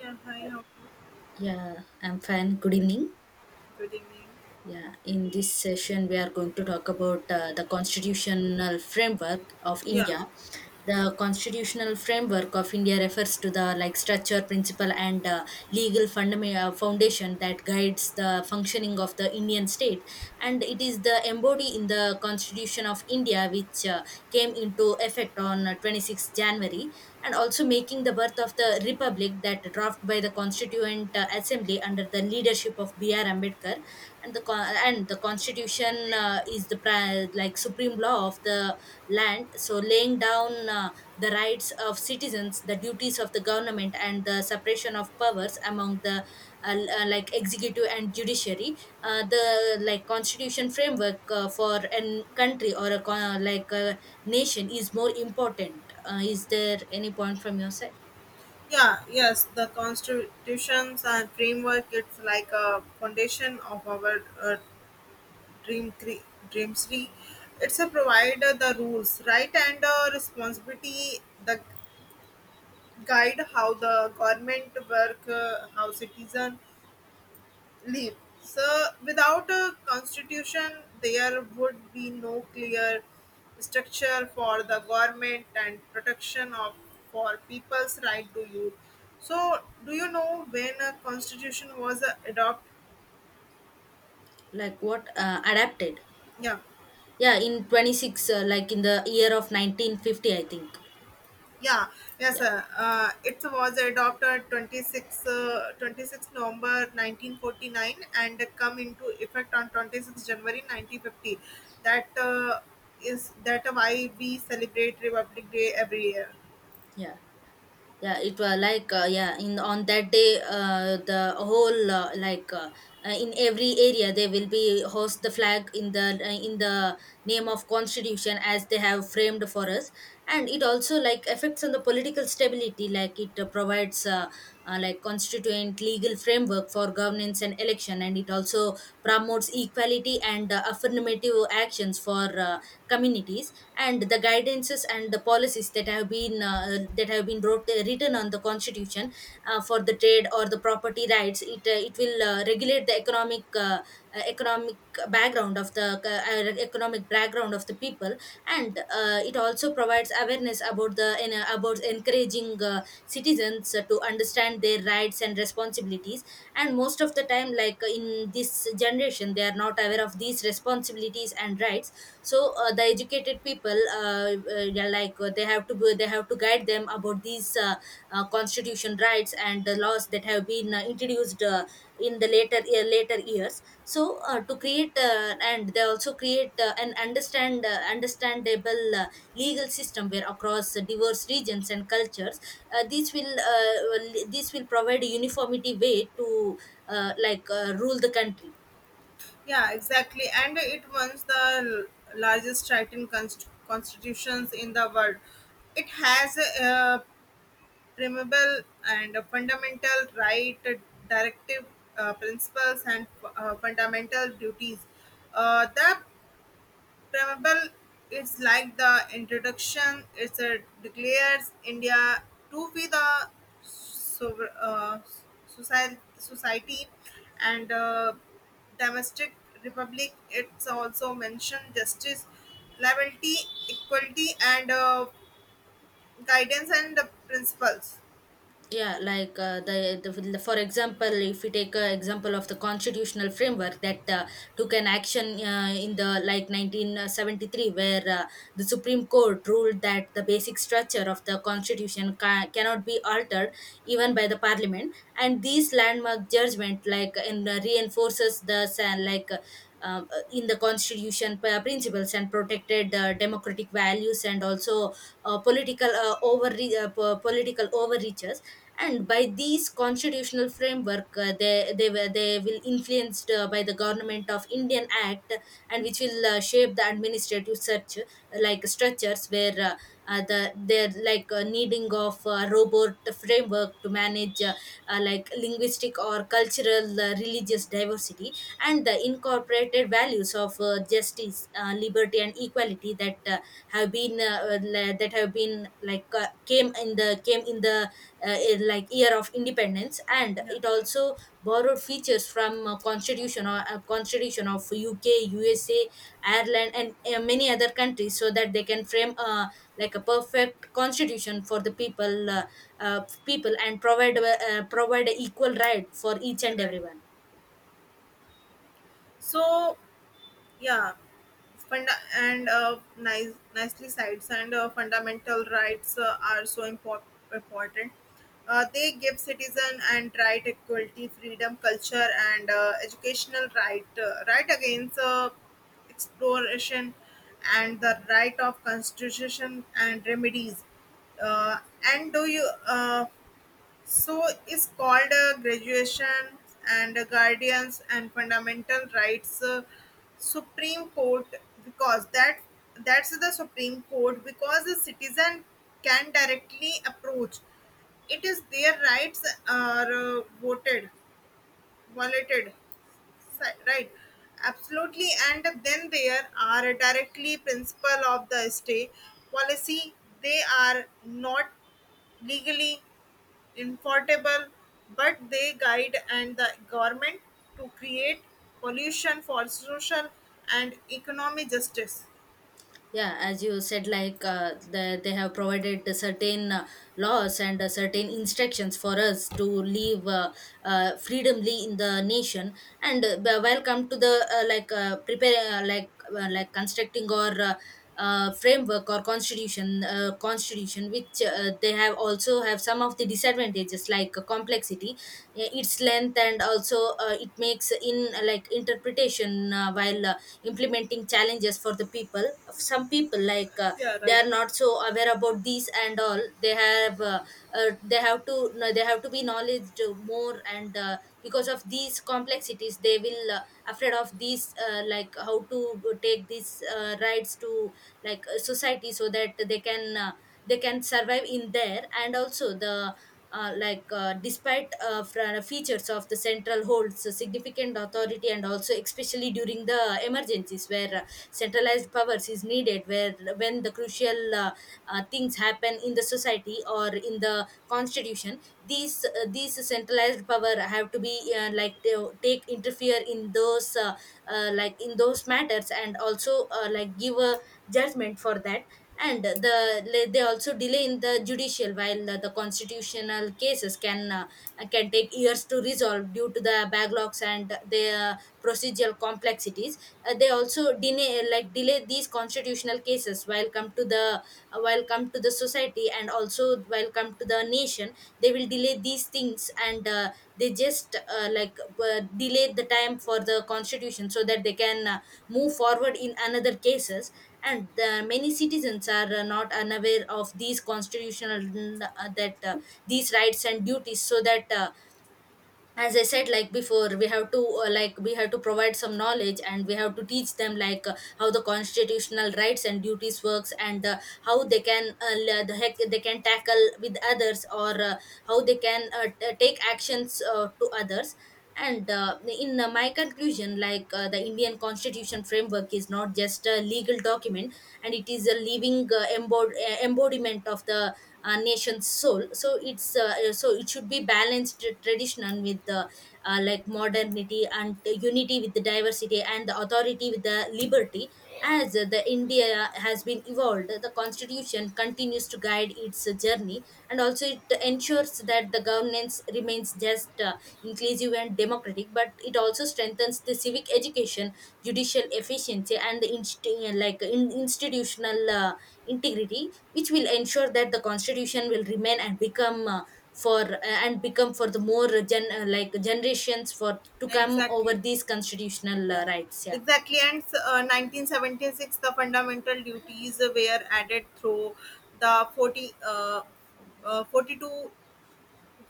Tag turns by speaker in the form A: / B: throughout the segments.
A: Yeah, hi, how are you?
B: Yeah, I'm fine. Good evening.
A: Good evening.
B: Yeah, in this session, we are going to talk about the constitutional framework of
A: Yeah,
B: India. The constitutional framework of India refers to the like structure, principle, and legal fundament foundation that guides the functioning of the Indian state, and it is the embodied in the Constitution of India, which came into effect on 26 January, and also making the birth of the republic that draft by the Constituent Assembly under the leadership of B R Ambedkar, and and the constitution is like supreme law of the land, so laying down the rights of citizens, the duties of the government, and the separation of powers among the like executive and judiciary. The like constitution framework for an country or like a nation is more important. Is there any point from your side?
A: yeah, yes, the constitutions and framework, it's like a foundation of our dream, cre- dreams tree. It's a provider the rules, right, and responsibility, the guide how the government work, how citizen leave. So, without a constitution, there would be no clear structure for the government and protection of for people's right to youth. So, do you know when a constitution was adopted?
B: Like what adapted?
A: Yeah.
B: Yeah, in 26 like in the year of 1950, I think.
A: Yeah, yes,
B: Yeah.
A: sir. It was adopted 26 November 1949 and come into effect on 26 January 1950. That Is that why we celebrate Republic Day every year.
B: Yeah yeah it was like yeah in on that day the whole like in every area they will be host the flag in the name of constitution as they have framed for us. And it also like affects on the political stability, like it provides like constituent legal framework for governance and election, and it also promotes equality and affirmative actions for communities, and the guidances and the policies that have been wrote, written on the constitution for the trade or the property rights. It it will regulate the economic background of the economic background of the people. And it also provides awareness about about encouraging citizens to understand their rights and responsibilities. And most of the time, like in this generation, they are not aware of these responsibilities and rights. So the educated people, yeah, like they have to guide them about these constitution rights and the laws that have been introduced in the later years. So to create and they also create an understandable legal system where across diverse regions and cultures. This will this will provide a uniformity way to rule the country.
A: Yeah, exactly. And it runs the largest written constitutions in the world. It has removable and fundamental right directive principles and fundamental duties the preamble is like the introduction. It's a declares india to be the sover- uh, society, society, and domestic republic. It's also mentioned justice liability equality and guidance and the principles.
B: Yeah like uh, the, the for example, if we take an example of the constitutional framework that took an action in the like 1973, where the supreme court ruled that the basic structure of the constitution cannot be altered even by the parliament. And these landmark judgment, reinforces the sa- like uh, in the constitution principles and protected democratic values, and also political political overreach. And by these constitutional framework they will influenced by the government of indian act, and which will shape the administrative search like structures where the they're like needing of robot framework to manage like linguistic or cultural religious diversity, and the incorporated values of justice, liberty, and equality that have been le- that have been like came in the uh, like year of independence. And
A: Yeah,
B: it
A: right.
B: also borrowed features from constitution of U K, USA, ireland, and many other countries, so that they can frame like a perfect constitution for the people, and provide provide equal right for each
A: Yeah,
B: and
A: right.
B: everyone.
A: So yeah, and nicely sides and fundamental rights are so important. They give citizen and right equality, freedom, culture, and educational right, right against exploration, and the right of constitution and remedies. Uh, and do you So it's called a graduation and guardians and fundamental rights, Supreme Court, because that's the Supreme Court because the citizen can directly approach. It is their rights are voted, violated, right? Absolutely, and then there are directly principle of the stay policy. They are not legally Infortable, but they guide and the government to create pollution for social and economic justice.
B: Yeah, as you said, like they have provided the certain laws and certain instructions for us to live freedomly in the nation. And while come to the like prepare like constructing or framework or constitution, which they have also have some of the disadvantages, like complexity, its length, and also it makes in like interpretation, while implementing challenges for the people. Some people, like
A: Yeah,
B: they
A: right.
B: are not so aware about these and all. They have they have to no, they have to be knowledge more. And because of these complexities they will afraid of these, like how to take these rights to like society, so that they can survive in there. And also the features of the central holds a significant authority, and also especially during the emergencies where centralized powers is needed, where when the crucial things happen in the society or in the constitution, these centralized power have to be like to take interfere in those like in those matters, and also like give a judgment for that. And the they also delay in the judicial, while the constitutional cases can take years to resolve due to the backlogs and their procedural complexities. They also delay, like delay these constitutional cases, while come to the while come to the society, and also while come to the nation, they will delay these things. And they just delay the time for the constitution so that they can move forward in another cases. And the many citizens are not unaware of these constitutional that these rights and duties, so that as I said like before, we have to we have to provide some knowledge, and we have to teach them like how the constitutional rights and duties works, and how they can the heck they can tackle with others, or how they can take actions to others. And in my conclusion, like the indian constitution framework is not just a legal document, and it is a living embodiment of the nation's soul. So it's so it should be balanced tradition with the like modernity, and the unity with the diversity, and the authority with the liberty. As the india has been evolved, the constitution continues to guide its journey. And also it ensures that the governance remains just, inclusive, and democratic. But it also strengthens the civic education, judicial efficiency, and the institutional integrity, which will ensure that the constitution will remain and become for and become for the more gen like generations for to come over
A: Exactly.
B: these constitutional
A: Yeah,
B: rights. Yeah.
A: exactly. And 1976, the fundamental duties were added through the 42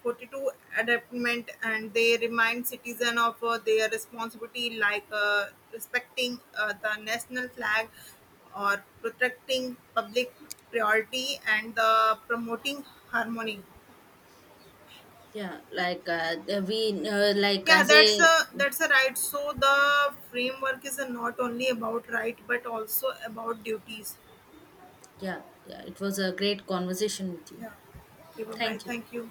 A: 42 adaptment, and they remind citizens of their responsibility like respecting the national flag or protecting public priority and the promoting harmony.
B: yeah like we like
A: Yeah,
B: as a yeah
A: that's a right, so the framework is not only about right but also about duties.
B: yeah yeah it was a great conversation with you.
A: Yeah, okay, bye bye,
B: Thank you.
A: thank you.